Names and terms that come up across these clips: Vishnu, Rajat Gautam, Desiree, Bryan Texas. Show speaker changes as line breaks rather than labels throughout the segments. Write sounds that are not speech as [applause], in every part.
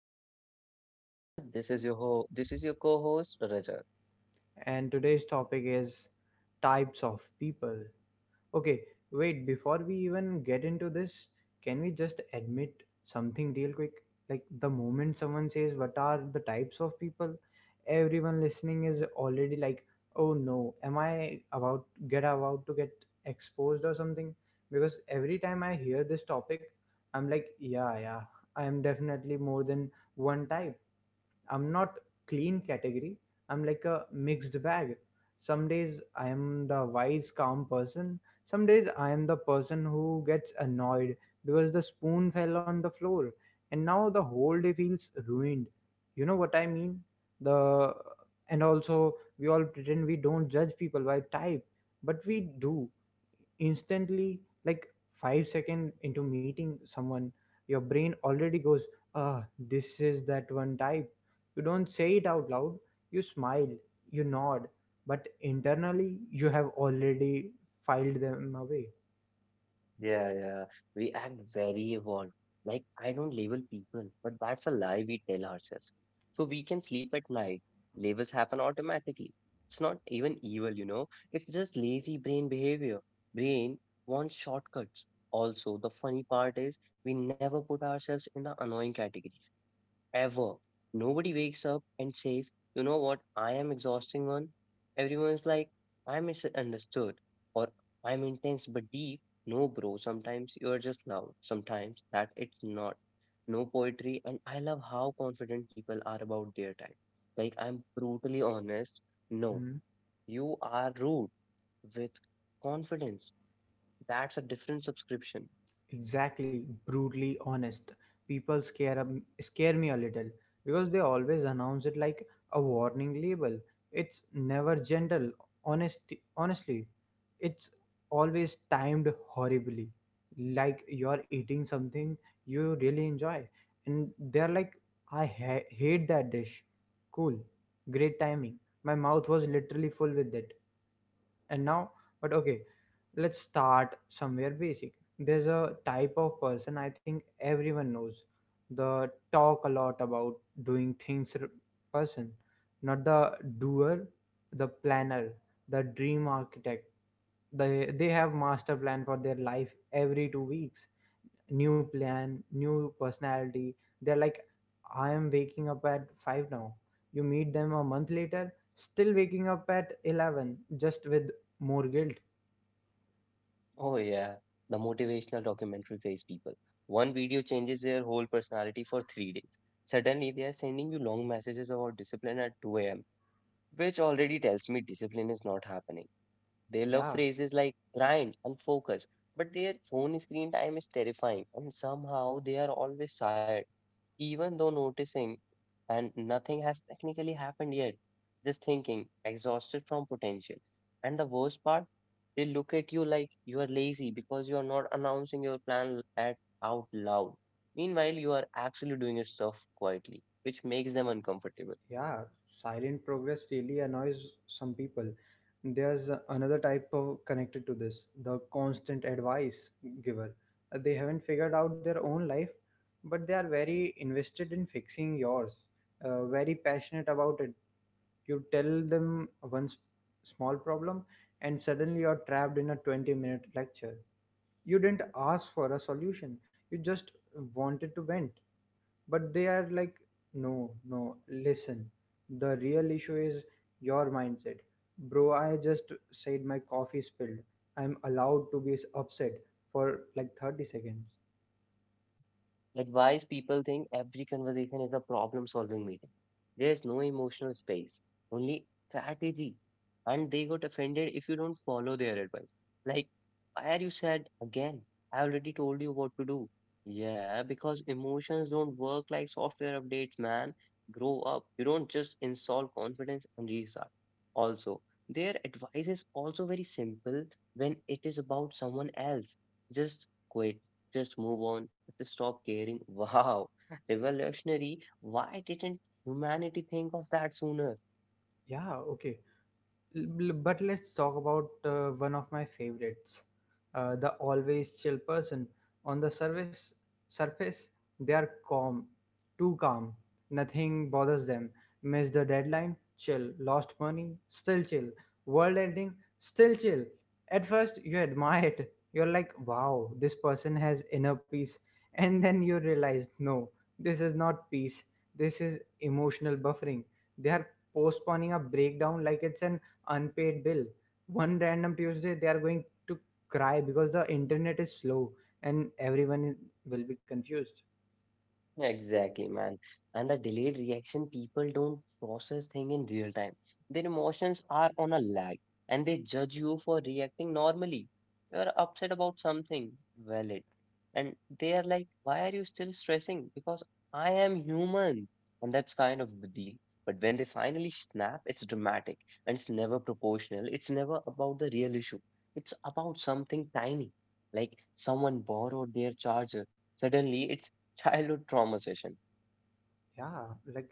Vishnu,
And this is your co-host Rajat.
and today's topic is types of people. Okay, wait, before we even get into this, can we just admit something real quick? Like, the moment someone says, "What are the types of people?" everyone listening is already like, "Oh no, am I about to get exposed or something?" Because every time I hear this topic, I'm like, "Yeah, yeah, I am definitely more than one type, I'm not clean category." I'm like a mixed bag. Some days I am the wise, calm person. Some days I am the person who gets annoyed because the spoon fell on the floor and now the whole day feels ruined. You know what I mean? The And also, we all pretend we don't judge people by type, but we do. Instantly, like 5 second into meeting someone, your brain already goes, "Ah, this is that one type." You don't say it out loud, you smile, you nod, but internally you have already filed them away.
Yeah, yeah. We act very evolved. Like, I don't label people, but that's a lie we tell ourselves, so we can sleep at night. Labels happen automatically. It's not even evil, you know. It's just lazy brain behavior. Brain wants shortcuts. Also, the funny part is we never put ourselves in the annoying categories. Ever. Nobody wakes up and says, you know what, I am exhausting on. Everyone's like, I'm misunderstood or I'm intense but deep. No, bro, sometimes you are just loud, sometimes that it's not. No poetry, and I love how confident people are about their time. Like, I'm brutally honest. No,
Hmm?
you are rude with confidence. That's a different subscription.
Exactly, brutally honest people scare me a little because they always announce it like a warning label. It's never gentle, honest. Honestly, it's always timed horribly. Like, you're eating something you really enjoy, and they're like, "I hate that dish." Cool, great timing. My mouth was literally full with it, and now, but okay, let's start somewhere basic. There's a type of person I think everyone knows, the talk a lot about doing things person, not the doer, the planner, the dream architect. They have master plan for their life. Every 2 weeks, new plan, new personality. They're like, "I am waking up at 5 now." You meet them a month later, still waking up at 11, just with more guilt.
Oh yeah, the motivational documentary phase people. One video changes their whole personality for 3 days. Suddenly they are sending you long messages about discipline at 2 a.m., which already tells me discipline is not happening. They love
Yeah.
phrases like grind and focus, but their phone screen time is terrifying and somehow they are always tired even though noticing and nothing has technically happened yet, just thinking, exhausted from potential. And the worst part, they look at you like you are lazy because you are not announcing your plan at out loud. Meanwhile, you are actually doing your stuff quietly, which makes them uncomfortable.
Yeah, silent progress really annoys some people. There's another type of connected to this, the constant advice giver. They haven't figured out their own life, but they are very invested in fixing yours, very passionate about it. You tell them one small problem, and suddenly you're trapped in a 20-minute lecture. You didn't ask for a solution, you just wanted to vent. But they are like, "No, no, listen. The real issue is your mindset." Bro, I just said my coffee spilled. I'm allowed to be upset for like 30 seconds.
Advice people think every conversation is a problem solving meeting. There's no emotional space, only strategy. And they got offended if you don't follow their advice. Like, why are you sad again? I already told you what to do. Yeah, because emotions don't work like software updates, man. Grow up. You don't just install confidence and restart. Also, their advice is also very simple when it is about someone else. Just quit, just move on, just stop caring. Wow, [laughs] revolutionary. Why didn't humanity think of that sooner?
Yeah, okay. But let's talk about one of my favorites, the always chill person. On the surface, they are calm, too calm. Nothing bothers them. Miss the deadline, chill. Lost money, still chill. World ending, still chill. At first, you admire it. You're like, "Wow, this person has inner peace." And then you realize, no, this is not peace. This is emotional buffering. They are postponing a breakdown like it's an unpaid bill. One random Tuesday, they are going to cry because the internet is slow, and everyone will be confused.
Exactly, man. And the delayed reaction, people don't process thing in real time. Their emotions are on a lag and they judge you for reacting normally. You're upset about something, valid. And they are like, why are you still stressing? Because I am human. And that's kind of the deal. But when they finally snap, it's dramatic and it's never proportional. It's never about the real issue. It's about something tiny, like someone borrowed their charger. Suddenly, it's childhood trauma session.
Yeah. Like,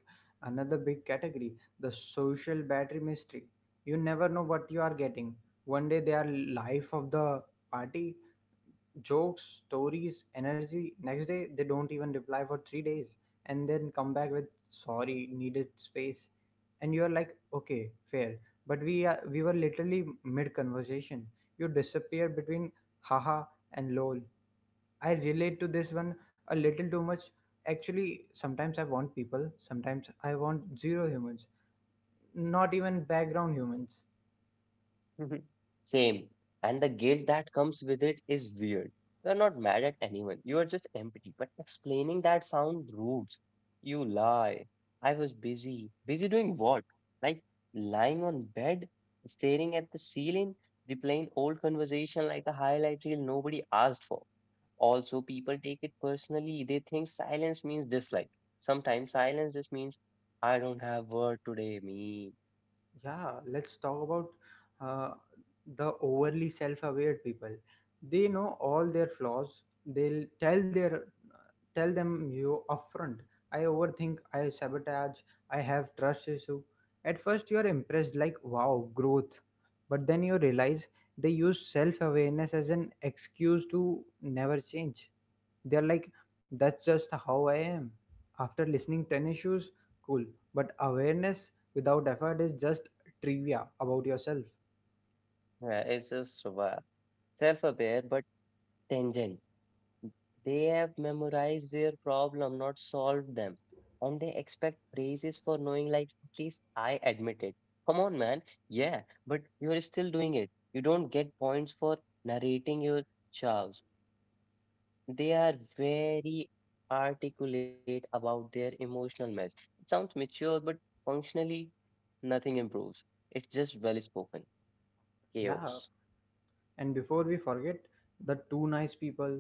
another big category, the social battery mystery. You never know what you are getting. One day they are life of the party, jokes, stories, energy. Next day, they don't even reply for 3 days and then come back with, "Sorry, needed space." And you're like, "Okay, fair." But we were literally mid conversation. You disappear between haha and lol. I relate to this one a little too much. Actually, sometimes I want people, sometimes I want zero humans, not even background humans.
[laughs] Same. And the guilt that comes with it is weird. You are not mad at anyone. You are just empty. But explaining that sound rude. You lie. I was busy. Busy doing what? Like lying on bed, staring at the ceiling, replaying old conversation like a highlight reel nobody asked for. Also, people take it personally. They think silence means dislike. Sometimes silence just means I don't have word today, me.
Yeah, let's talk about uh, the overly self-aware people. They know all their flaws. They'll tell their tell them you upfront. I overthink. I sabotage. I have trust issue. At first, you are impressed, like, wow, growth. But then you realize they use self-awareness as an excuse to never change. They're like, "That's just how I am." After listening 10 issues, cool. But awareness without effort is just trivia about yourself.
Yeah, it's just wow. Self-aware but tangent. They have memorized their problem, not solved them, and they expect praises for knowing. Like at least I admit it. Come on, man. Yeah, but you are still doing it. You don't get points for narrating your chows. They are very articulate about their emotional mess. It sounds mature, but functionally, nothing improves. It's just well spoken
Yeah.
chaos.
And before we forget, the two nice people,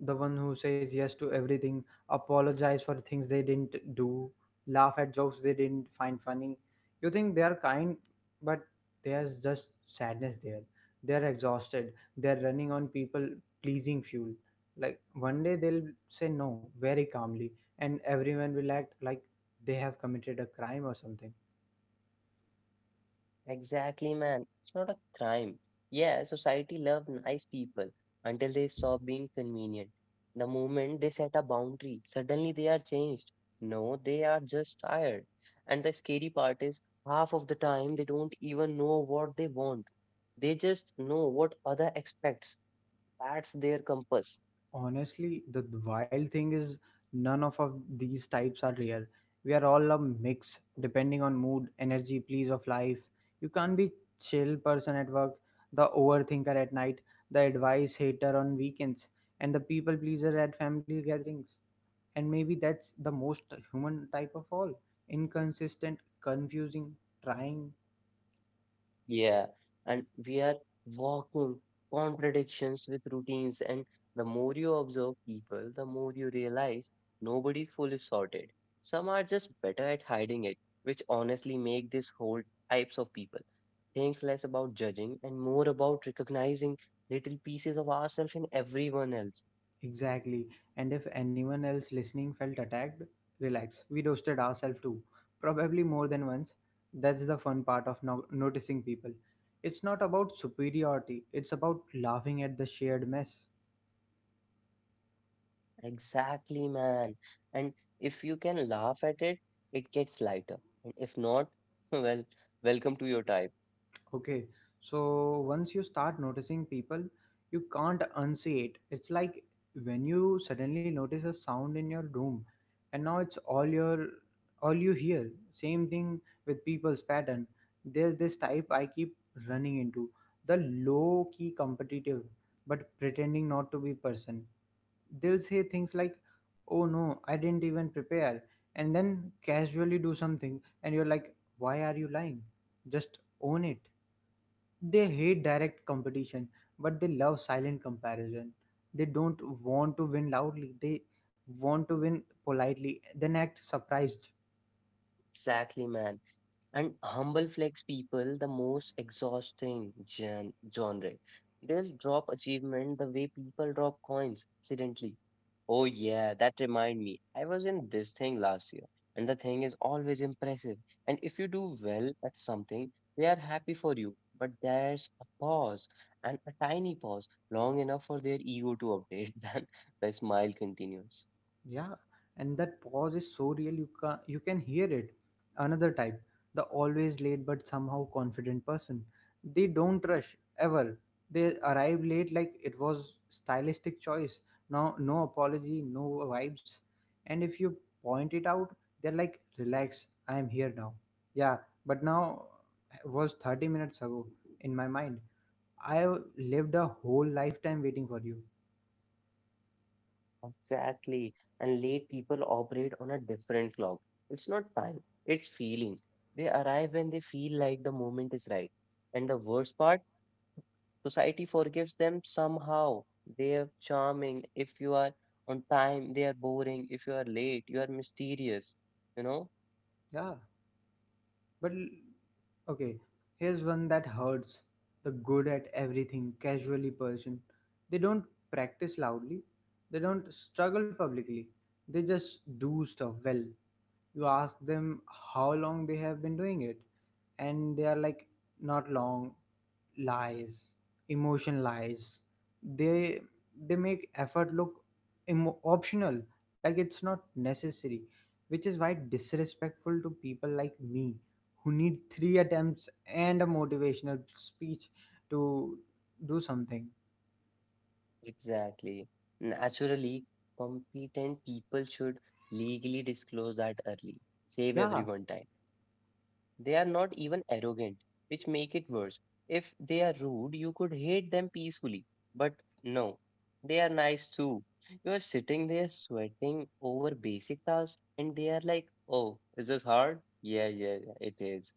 the one who says yes to everything, apologize for things they didn't do, laugh at jokes they didn't find funny. You think they are kind, but there's just sadness there. They're exhausted. They're running on people pleasing fuel. Like, one day they'll say no very calmly, and everyone will act like they have committed a crime or something.
Exactly, man. It's not a crime. Yeah, society love nice people until they stop being convenient. The moment they set a boundary, suddenly they are changed. No, they are just tired. And the scary part is, half of the time they don't even know what they want. They just know what other expects. That's their compass.
Honestly, the wild thing is none of these types are real. We are all a mix, depending on mood, energy, please of life. You can't be chill person at work, the overthinker at night, the advice hater on weekends, and the people pleaser at family gatherings. And maybe that's the most human type of all. Inconsistent, confusing, trying.
Yeah, and we are walking contradictions with routines, and the more you observe people, the more you realize nobody's fully sorted. Some are just better at hiding it, which honestly make this whole types of people thinks less about judging and more about recognizing little pieces of ourselves in everyone else.
Exactly. And if anyone else listening felt attacked, relax. We roasted ourselves too. Probably more than once. That's the fun part of noticing people. It's not about superiority, it's about laughing at the shared mess.
Exactly, man. And if you can laugh at it, it gets lighter. And if not, [laughs] well, welcome to your type.
Okay, so once you start noticing people, you can't unsee it. It's like when you suddenly notice a sound in your room and now it's all you hear. Same thing with people's pattern. There's this type I keep running into, the low key competitive but pretending not to be person. They'll say things like, "Oh no, I didn't even prepare." And then casually do something and you're like, "Why are you lying?" Just own it. They hate direct competition, but they love silent comparison. They don't want to win loudly, they want to win politely, then act surprised.
Exactly, man. And humble flex people the most exhausting genre. They'll drop achievement the way people drop coins accidentally. Oh yeah, that remind me. I was in this thing last year, and the thing is always impressive. And if you do well at something, they are happy for you. But there's a pause, and a tiny pause, long enough for their ego to update. [laughs] Then the smile continues.
Yeah, and that pause is so real you can hear it. Another type, the always late but somehow confident person. They don't rush ever. They arrive late like it was stylistic choice. No apology, no vibes. And if you point it out, they're like, "Relax, I am here now." Yeah, but now was 30 minutes ago in my mind. I lived a whole lifetime waiting for you.
Exactly. And late people operate on a different clock. It's not time, it's feeling. They arrive when they feel like the moment is right. And the worst part, society forgives them somehow. They are charming. If you are on time, they are boring. If you are late, you are mysterious. You know?
Yeah. But okay, here's one that hurts, the good at everything, casually person. They don't practice loudly, they don't struggle publicly, they just do stuff well. You ask them how long they have been doing it, and they are like, "Not long." Lies, emotion lies. They they make effort look optional, like it's not necessary, which is why disrespectful to people like me who need three attempts and a motivational speech to do something.
Exactly. Naturally, competent people should legally disclose that early. Save
Yeah.
everyone time. They are not even arrogant, which make it worse. If they are rude, you could hate them peacefully. But no, they are nice too. You are sitting there sweating over basic tasks and they are like, oh, is this hard? Yeah, yeah, yeah, it is.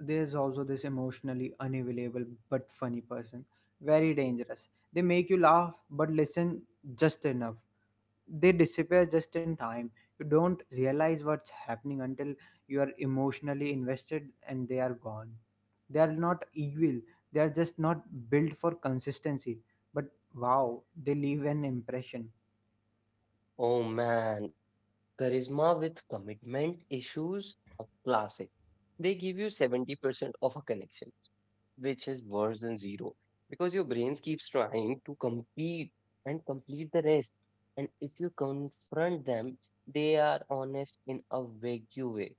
There's also this emotionally unavailable but funny person, very dangerous. They make you laugh, but listen just enough, they disappear just in time. You don't realize what's happening until you are emotionally invested and they are gone. They are not evil, they are just not built for consistency. But wow, they leave an impression.
Oh man, charisma with commitment issues are classic. They give you 70% of a connection which is worse than zero because your brain keeps trying to compete and complete the rest. And if you confront them, they are honest in a vague way.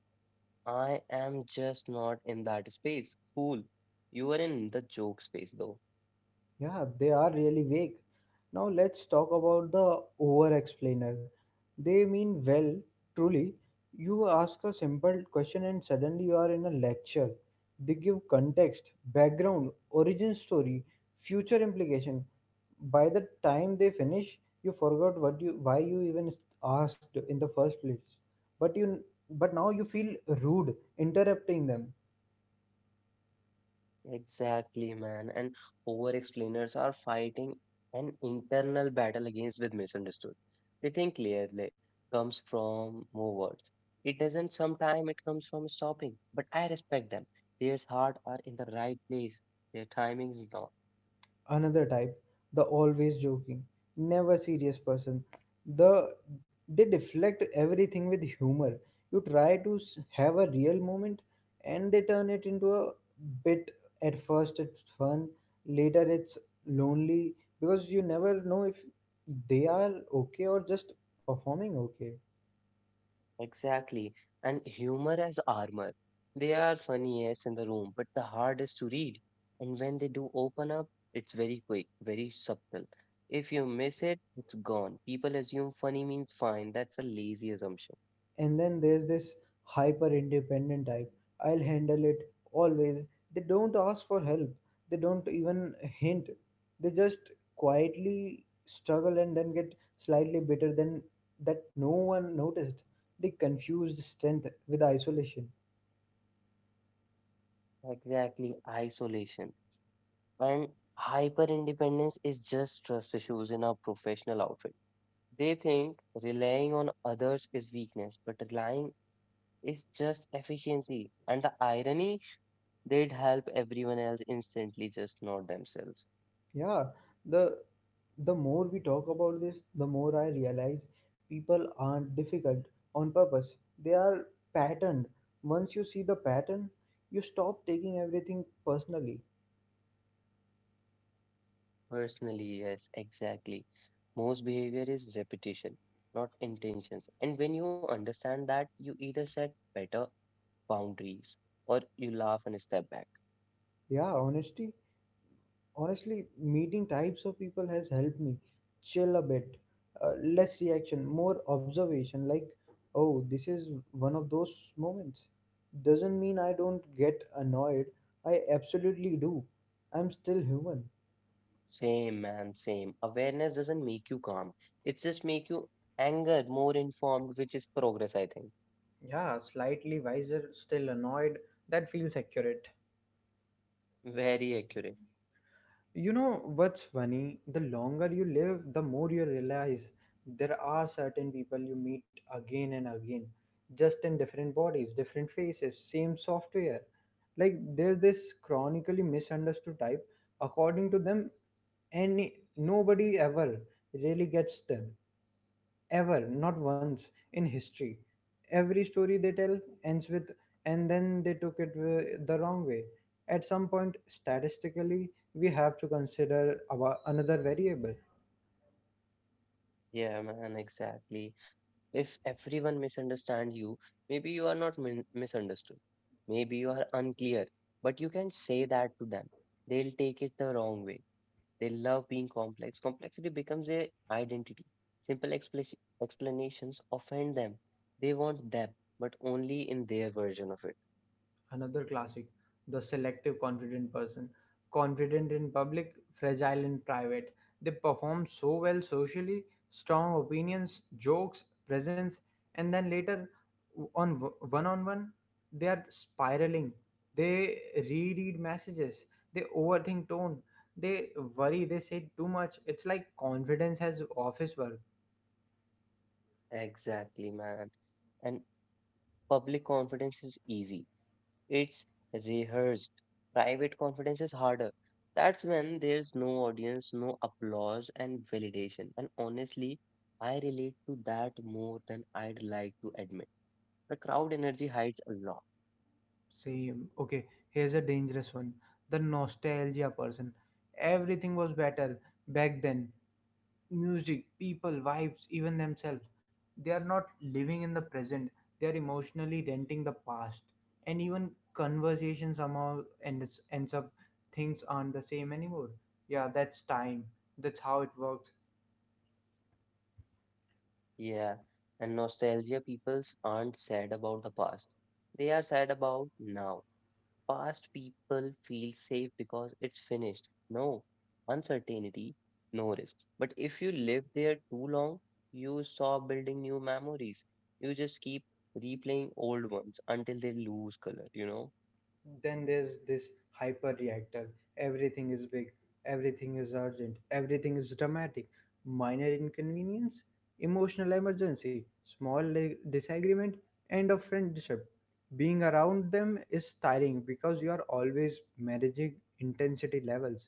I am just not in that space. Cool. You are in the joke space though.
Yeah, they are really vague. Now let's talk about the over explainer. They mean well, truly. You ask a simple question and suddenly you are in a lecture. They give context, background, origin story, future implication. By the time they finish, you forgot what you why you even asked in the first place. But you but now you feel rude interrupting them.
Exactly, man. And over explainers are fighting an internal battle against with misunderstood. They think clearly comes from more words. It doesn't, sometime it comes from stopping. But I respect them. Their heart are in the right place. Their timing is not.
Another type, the always joking, never serious person. The they deflect everything with humor. You try to have a real moment and they turn it into a bit. At first it's fun, later it's lonely because you never know if they are okay or just performing okay.
Exactly. And humor as armor. They are funny, yes, in the room, but the hardest to read. And when they do open up, it's very quick, very subtle. If you miss it, it's gone. People assume funny means fine. That's a lazy assumption.
And then there's this hyper independent type, "I'll handle it," always. They don't ask for help, they don't even hint, they just quietly struggle and then get slightly bitter than that no one noticed. They confused strength with isolation.
Exactly. Isolation. And hyper independence is just trust issues in our professional outfit. They think relying on others is weakness, but relying is just efficiency. And the irony, they'd help everyone else instantly, just not themselves.
Yeah, the the more we talk about this, the more I realize people aren't difficult on purpose. They are patterned. Once you see the pattern, you stop taking everything personally.
Personally, yes, exactly. Most behavior is repetition, not intentions. And when you understand that, you either set better boundaries or you laugh and step back.
Yeah, honesty. Honestly, meeting types of people has helped me chill a bit. Less reaction, more observation. Like, oh, this is one of those moments. Doesn't mean I don't get annoyed. I absolutely do. I'm still human.
Same, man, same. Awareness doesn't make you calm. It just make you anger, more informed, which is progress, I think.
Yeah, slightly wiser, still annoyed. That feels accurate.
Very accurate.
You know what's funny? The longer you live, the more you realize there are certain people you meet again and again, just in different bodies, different faces, same software. Like, there's this chronically misunderstood type. According to them, any nobody ever really gets them. Ever, not once in history. Every story they tell ends with, "And then they took it the wrong way." At some point, statistically, we have to consider our another variable.
Yeah, man, exactly. If everyone misunderstands you, maybe you are not misunderstood. Maybe you are unclear, but you can say that to them. They'll take it the wrong way. They love being complex. Complexity becomes their identity. Simple explanations offend them. They want them, but only in their version of it.
Another classic, the selective confident person. Confident in public, fragile in private. They perform so well socially, strong opinions, jokes, presence, and then later on, one on one, they are spiraling. They reread messages, they overthink tone, they worry, they say too much. It's like confidence has office work.
Exactly, man. And public confidence is easy. It's rehearsed. Private confidence is harder. That's when there's no audience, no applause, and validation. And honestly, I relate to that more than I'd like to admit. The crowd energy hides a lot.
Same. Okay, here's a dangerous one. The nostalgia person. Everything was better back then. Music, people, vibes, even themselves. They are not living in the present. They are emotionally renting the past. And even conversation somehow ends up things aren't the same anymore. Yeah, that's time. That's how it works.
Yeah. And nostalgia peoples aren't sad about the past. They are sad about now. Past people feel safe because it's finished. No uncertainty, no risk. But if you live there too long, you stop building new memories. You just keep replaying old ones until they lose color, you know?
Then there's this hyper reactor. Everything is big, everything is urgent, everything is dramatic. Minor inconvenience, emotional emergency, small disagreement, and a friendship. Being around them is tiring because you are always managing intensity levels.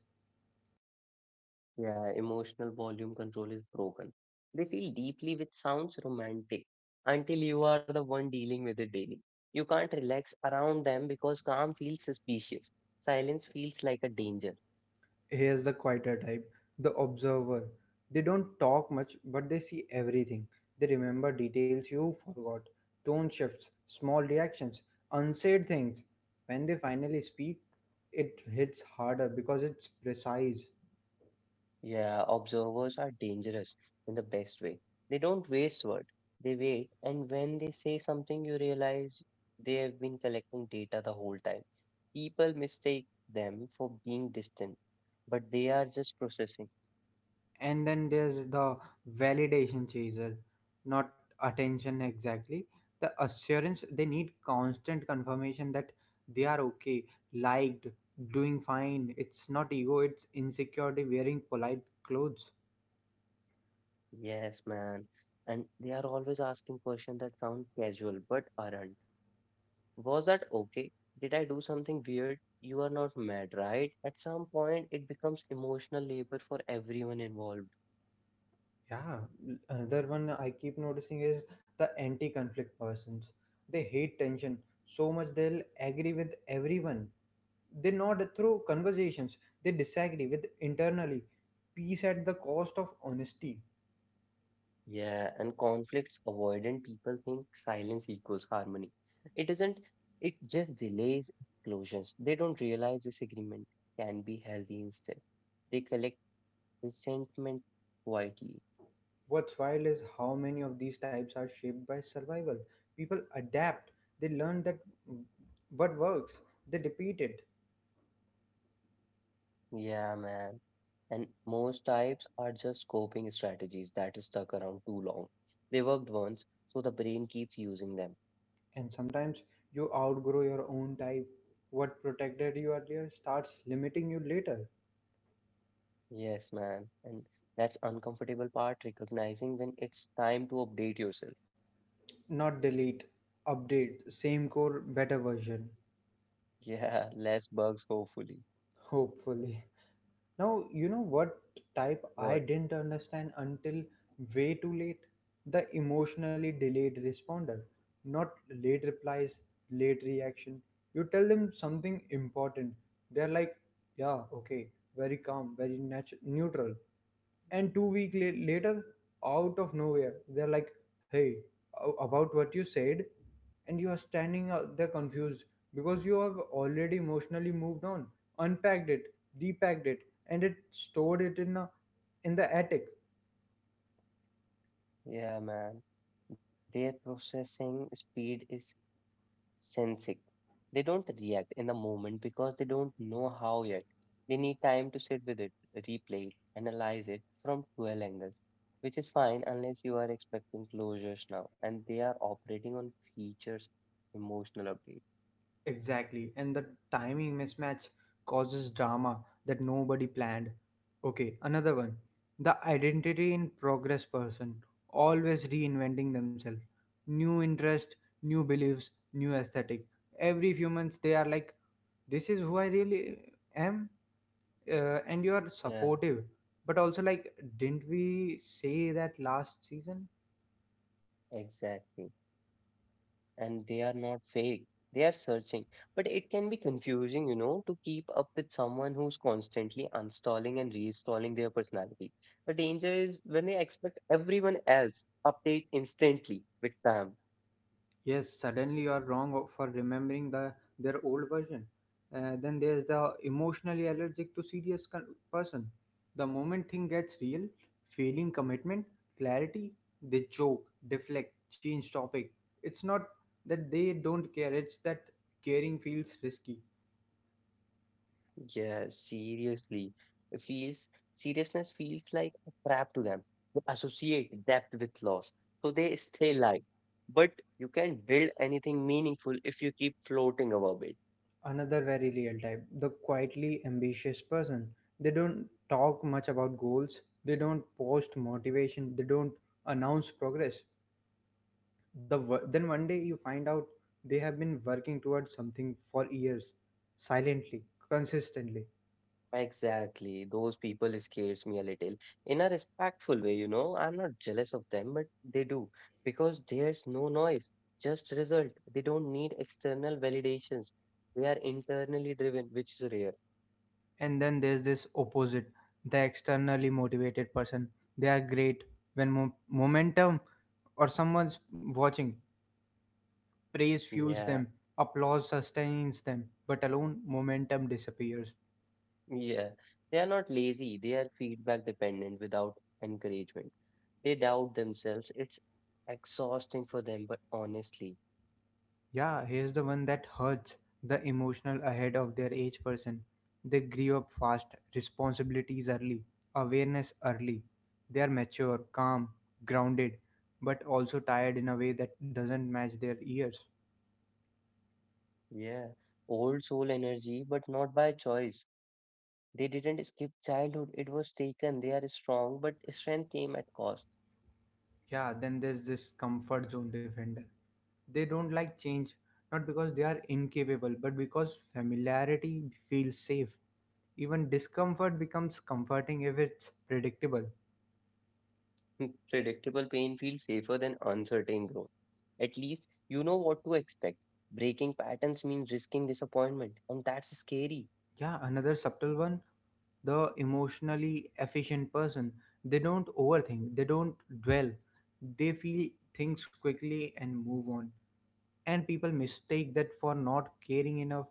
Yeah, emotional volume control is broken. They feel deeply, which sounds romantic, until you are the one dealing with it daily. You can't relax around them because calm feels suspicious. Silence feels like a danger.
Here's the quieter type, the observer. They don't talk much, but they see everything. They remember details you forgot, tone shifts, small reactions, unsaid things. When they finally speak, it hits harder because it's precise.
Yeah, observers are dangerous in the best way. They don't waste words, they wait, and when they say something, you realize they have been collecting data the whole time. People mistake them for being distant, but they are just processing.
And then there's the validation chaser, not attention exactly, the assurance. They need constant confirmation that they are okay, liked, doing fine. It's not ego, it's insecurity wearing polite clothes.
Yes, man. And they are always asking questions that sound casual but aren't. Was that okay? Did I do something weird? You are not mad, right? At some point, it becomes emotional labor for everyone involved.
Yeah, another one I keep noticing is the anti conflict persons. They hate tension so much they'll agree with everyone. They nod through conversations, they disagree with internally. Peace at the cost of honesty.
Yeah, and conflicts avoidant people think silence equals harmony. It isn't, it just delays explosions. They don't realize disagreement can be healthy instead. They collect resentment quietly.
What's wild is how many of these types are shaped by survival. People adapt, they learn that mm, what works, they repeat it.
Yeah, man. And most types are just coping strategies that is stuck around too long. They worked once, so the brain keeps using them.
And sometimes you outgrow your own type. What protected you earlier starts limiting you later.
Yes, man. And that's uncomfortable part, recognizing when it's time to update yourself. [laughs]
Not delete, update, same core, better version,
Yeah, less bugs, hopefully.
hopefully. Now, you know what type I
What?
didn't understand until way too late? The emotionally delayed responder. Not late replies, late reaction. You tell them something important. They're like, yeah, okay, very calm, very neutral. And 2 weeks later, out of nowhere, they're like, hey, about what you said. And you are standing out there confused because you have already emotionally moved on, unpacked it, depacked it, and it stored it in the attic.
Yeah, man. Their processing speed is sensing. They don't react in the moment because they don't know how yet. They need time to sit with it, replay it, analyze it from 12 angles, which is fine unless you are expecting closures now. And they are operating on features, emotional update.
Exactly, and the timing mismatch causes drama that nobody planned. Okay, another one. The identity in progress person, always reinventing themselves. New interest, new beliefs, new aesthetic. Every few months they are like, this is who I really am. And you are
Yeah,
supportive, but also like, didn't we say that last season?
exactly. And they are not fake. They are searching. But it can be confusing, you know, to keep up with someone who's constantly uninstalling and reinstalling their personality. The danger is when they expect everyone else update instantly with them.
Yes, suddenly you are wrong for remembering their old version. Then there's the emotionally allergic to serious person. The moment thing gets real, failing commitment, clarity, they joke, deflect, change topic. It's not that they don't care, it's that caring feels risky.
Yeah, seriously. It feels, seriousness feels like a trap to them. They associate depth with loss. So they stay light. But you can build anything meaningful if you keep floating above it.
Another very real type, the quietly ambitious person. They don't talk much about goals, they don't post motivation, they don't announce progress. Then one day you find out they have been working towards something for years, silently, consistently.
Exactly. Those people scares me a little in a respectful way, you know. I'm not jealous of them, but they do because there's no noise, just result. They don't need external validations. They are internally driven, which is rare.
And then there's this opposite, the externally motivated person. They are great when momentum or someone's watching. Praise fuels
Yeah,
them, applause sustains them, but alone momentum disappears.
yeah. They are not lazy. They are feedback dependent without encouragement. They doubt themselves. It's exhausting for them, but honestly,
Yeah, here's the one that hurts, the emotional ahead of their age person. They grew up fast, responsibilities early, awareness early. They are mature, calm, grounded, but also tired in a way that doesn't match their years.
yeah. Old soul energy, but not by choice. They didn't skip childhood, it was taken. They are strong, but strength came at cost.
Yeah, then there's this comfort zone defender. They don't like change, not because they are incapable, but because familiarity feels safe. Even discomfort becomes comforting if it's predictable.
[laughs] Predictable pain feels safer than uncertain growth. At least you know what to expect. Breaking patterns means risking disappointment, and that's scary.
Yeah, another subtle one, the emotionally efficient person. They don't overthink, they don't dwell, they feel things quickly and move on. And people mistake that for not caring enough.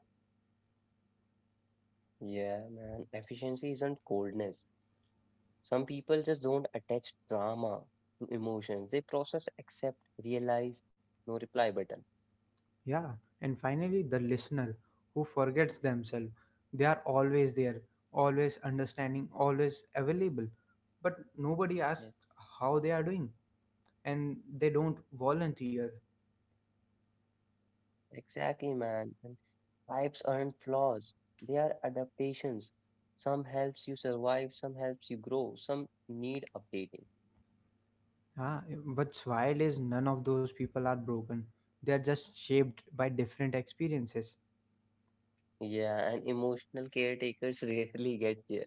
Yeah, man, efficiency isn't coldness. Some people just don't attach drama to emotions, they process, accept, realize, no reply button.
Yeah, and finally, the listener who forgets themselves. They are always there, always understanding, always available, but nobody asks
Yes.
how they are doing, and they don't volunteer.
Exactly, man. And types aren't flaws. They are adaptations. Some helps you survive, some helps you grow, some need updating.
Ah, what's wild is none of those people are broken. They are just shaped by different experiences.
Yeah, and emotional caretakers [laughs] rarely get there.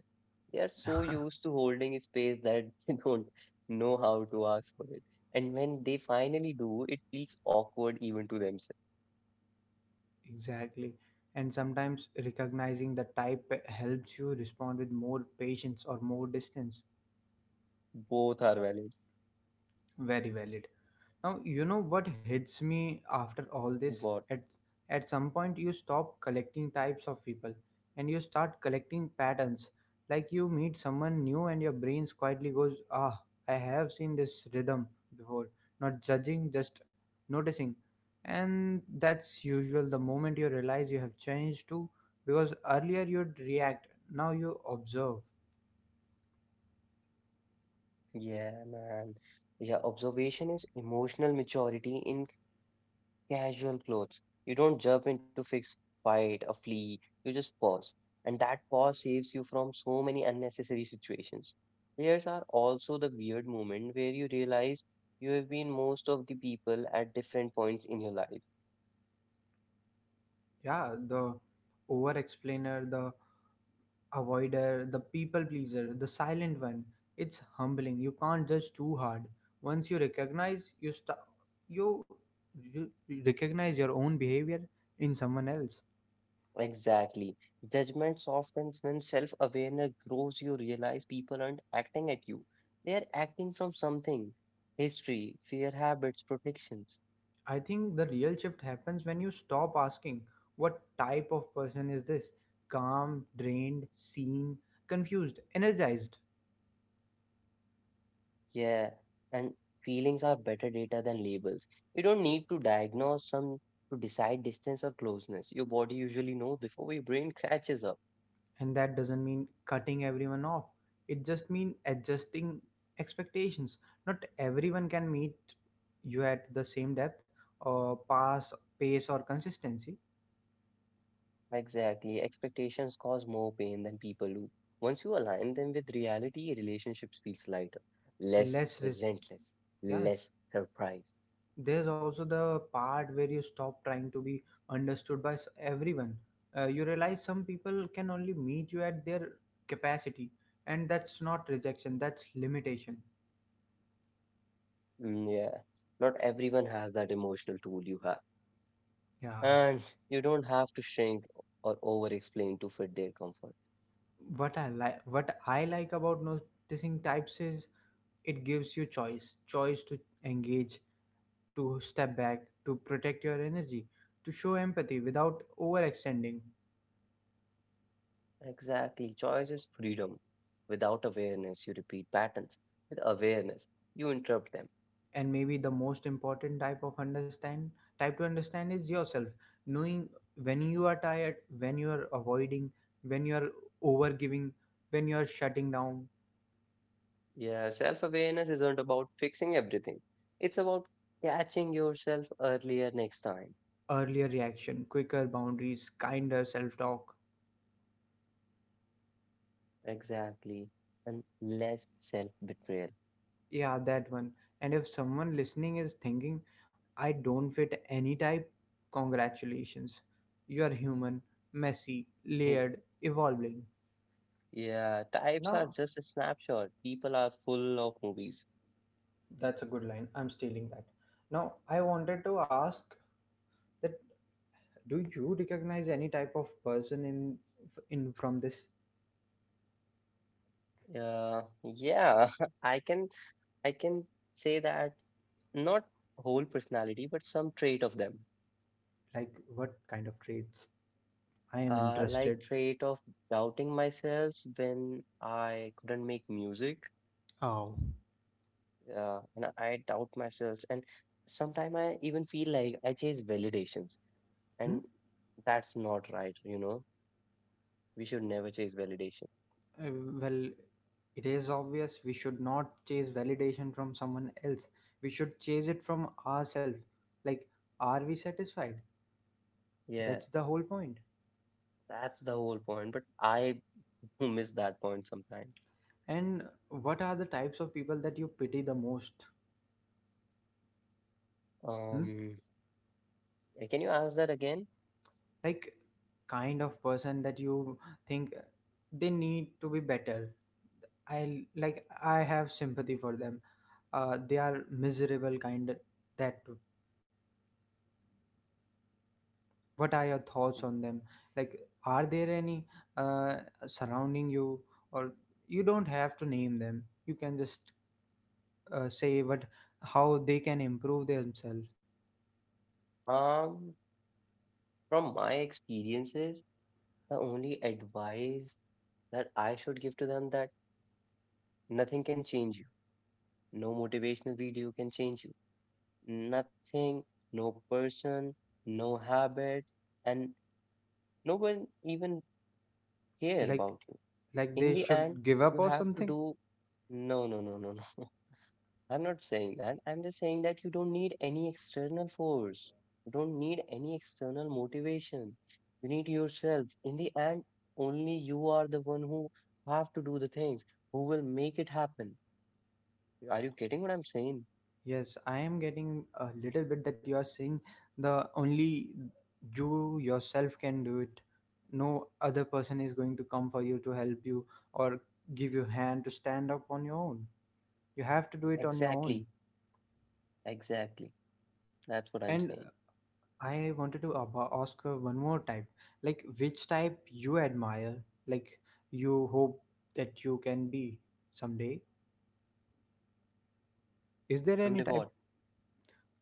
They are so used to holding a space that [laughs] they don't know how to ask for it. And when they finally do, it feels awkward even to themselves.
Exactly. And sometimes recognizing the type helps you respond with more patience or more distance.
Both are valid.
Very valid. Now, you know what hits me after all this?
But
At some point, you stop collecting types of people and you start collecting patterns. Like, you meet someone new and your brain quietly goes, ah, I have seen this rhythm before. Not judging, just noticing. And that's usual the moment you realize you have changed too, because earlier you'd react, now you observe.
yeah, man. Yeah, observation is emotional maturity in casual clothes. You don't jump into fix fight or flee. You just pause, and that pause saves you from so many unnecessary situations. There's are also the weird moment where you realize you have been most of the people at different points in your life.
Yeah, the over explainer, the avoider, the people pleaser, the silent one. It's humbling. You can't judge too hard. Once you recognize you you recognize your own behavior in someone else.
Exactly. Judgment softens when self-awareness grows. You realize people aren't acting at you; they are acting from something. History, fear, habits, protections.
I think the real shift happens when you stop asking, what type of person is this? Calm, drained, seen, confused, energized.
Yeah, and feelings are better data than labels. You don't need to diagnose some to decide distance or closeness. Your body usually knows before your brain catches up.
And that doesn't mean cutting everyone off, it just means adjusting expectations. Not everyone can meet you at the same depth or pass pace or consistency.
Exactly. Expectations cause more pain than people do. Once you align them with reality, relationships feels lighter, less
Less risk.
resentless, less
Yes,
surprise.
there's also the part where you stop trying to be understood by everyone. You realize some people can only meet you at their capacity, and that's not rejection, that's limitation.
Mm, yeah. Not everyone has that emotional tool you have.
Yeah,
And you don't have to shrink or over explain to fit their comfort.
what I like about noticing types is, it gives you choice, choice to engage, to step back, to protect your energy, to show empathy without overextending.
Exactly. Choice is freedom. Without awareness, you repeat patterns. With awareness, you interrupt them.
And maybe the most important type to understand is yourself. Knowing when you are tired, when you are avoiding, when you are overgiving, when you are shutting down,
Yeah, self awareness isn't about fixing everything, it's about catching yourself earlier next time.
earlier reaction, quicker boundaries, kinder self talk.
Exactly. And less self betrayal.
Yeah, that one. And if someone listening is thinking, I don't fit any type, congratulations. You are human, messy,
[laughs]
layered, evolving.
Yeah, types are
Now,
just a snapshot. People are full of movies.
that's a good line. I'm stealing that. Now, I wanted to ask that, do you recognize any type of person in from this?
Yeah, yeah. [laughs] I can I can say that not whole personality, but some trait of them.
Like, what kind of traits? I am
Like
interested.
trait of doubting myself when I couldn't make music.
Oh.
And I doubt myself, and sometimes I even feel like I chase validations,
Hmm?
and that's not right. You know, we should never chase validation.
Uh, well, it is obvious we should not chase validation from someone else. We should chase it from ourselves. Like, are we satisfied?
Yeah,
That's the whole point.
that's the whole point. But I [laughs] miss that point sometimes.
And what are the types of people that you pity the most? Hmm?
Um, can you ask that again?
Like, kind of person that you think they need to be better. I have sympathy for them. They are miserable kind, that, what are your thoughts on them? Like, are there any uh, surrounding you, or you don't have to name them, you can just say what, how they can improve themselves?
Um, from my experiences, the only advice that I should give to them that nothing can change you. No motivational video can change you. Nothing, no person, no habit, and no one even care
like
about you.
like
In
they
the end,
should give up
you
or
have to
something?
do no, no, no, no, no. [laughs] I'm not saying that. I'm just saying that you don't need any external force. You don't need any external motivation. You need yourself. In the end, only you are the one who have to do the things, who will make it happen. Are you getting what I'm saying?
Yes, I am getting a little bit that you are saying, the only you yourself can do it, no other person is going to come for you to help you or give you hand to stand up on your own, you have to do it on your
Exactly.
own.
Exactly. That's what I'm
And
saying.
I wanted to ask one more type. Like, which type you admire? Like, you hope that you can be someday. Is there
Someday
any
what?
type?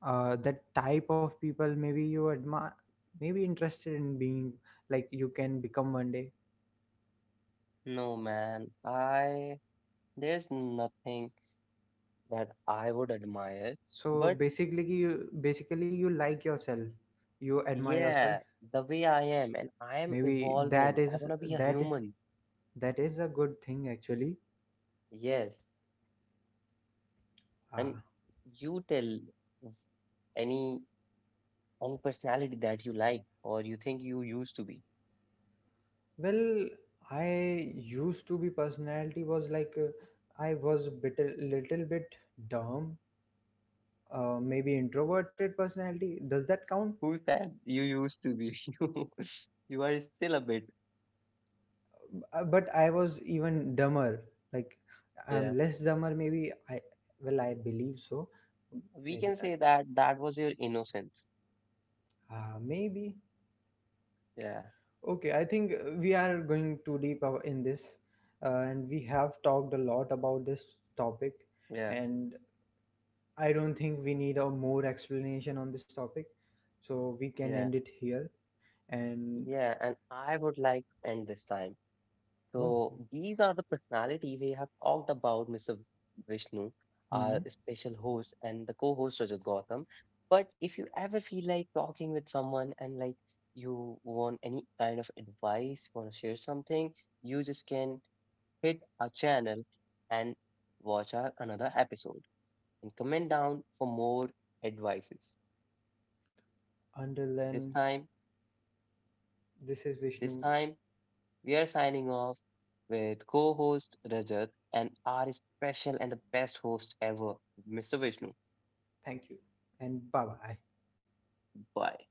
That type of people maybe you admire, maybe interested in being, like you can become one day.
No, man. I There's nothing that I would admire,
So
but
basically, you like yourself. You admire yourself.
yeah, the way I am, and I am
Maybe
evolving. I wanna be a
that is
human.
that is a good thing actually.
Yes, and
Uh,
you tell v- any any personality that you like or you think you used to be.
Well, I used to be personality was like, I was bit a little bit dumb, maybe introverted personality. Does that count?
Who said you used to be? [laughs] You are still a bit.
But I was even dumber. Like,
Yeah,
I'm less dumber, maybe. I Well, I believe so.
we
Maybe,
can say that that was your innocence.
maybe.
Yeah,
Okay, I think we are going too deep in this, and we have talked a lot about this topic,
yeah,
and I don't think we need a more explanation on this topic, so we can
yeah.
end it here. And.
Yeah, and I would like to end this time.
Oh.
So these are the personality we have talked about, Mr. Vishnu, our
Hmm.
special host and the co-host Rajat Gautam. But if you ever feel like talking with someone and like you want any kind of advice, want to share something, you just can hit our channel and watch our another episode and comment down for more advices.
Until
This
then,
time,
this is
this
Vishnu.
time we are signing off with co host Rajat and our special and the best host ever, Mr. Vishnu.
Thank you, and bye bye.
Bye.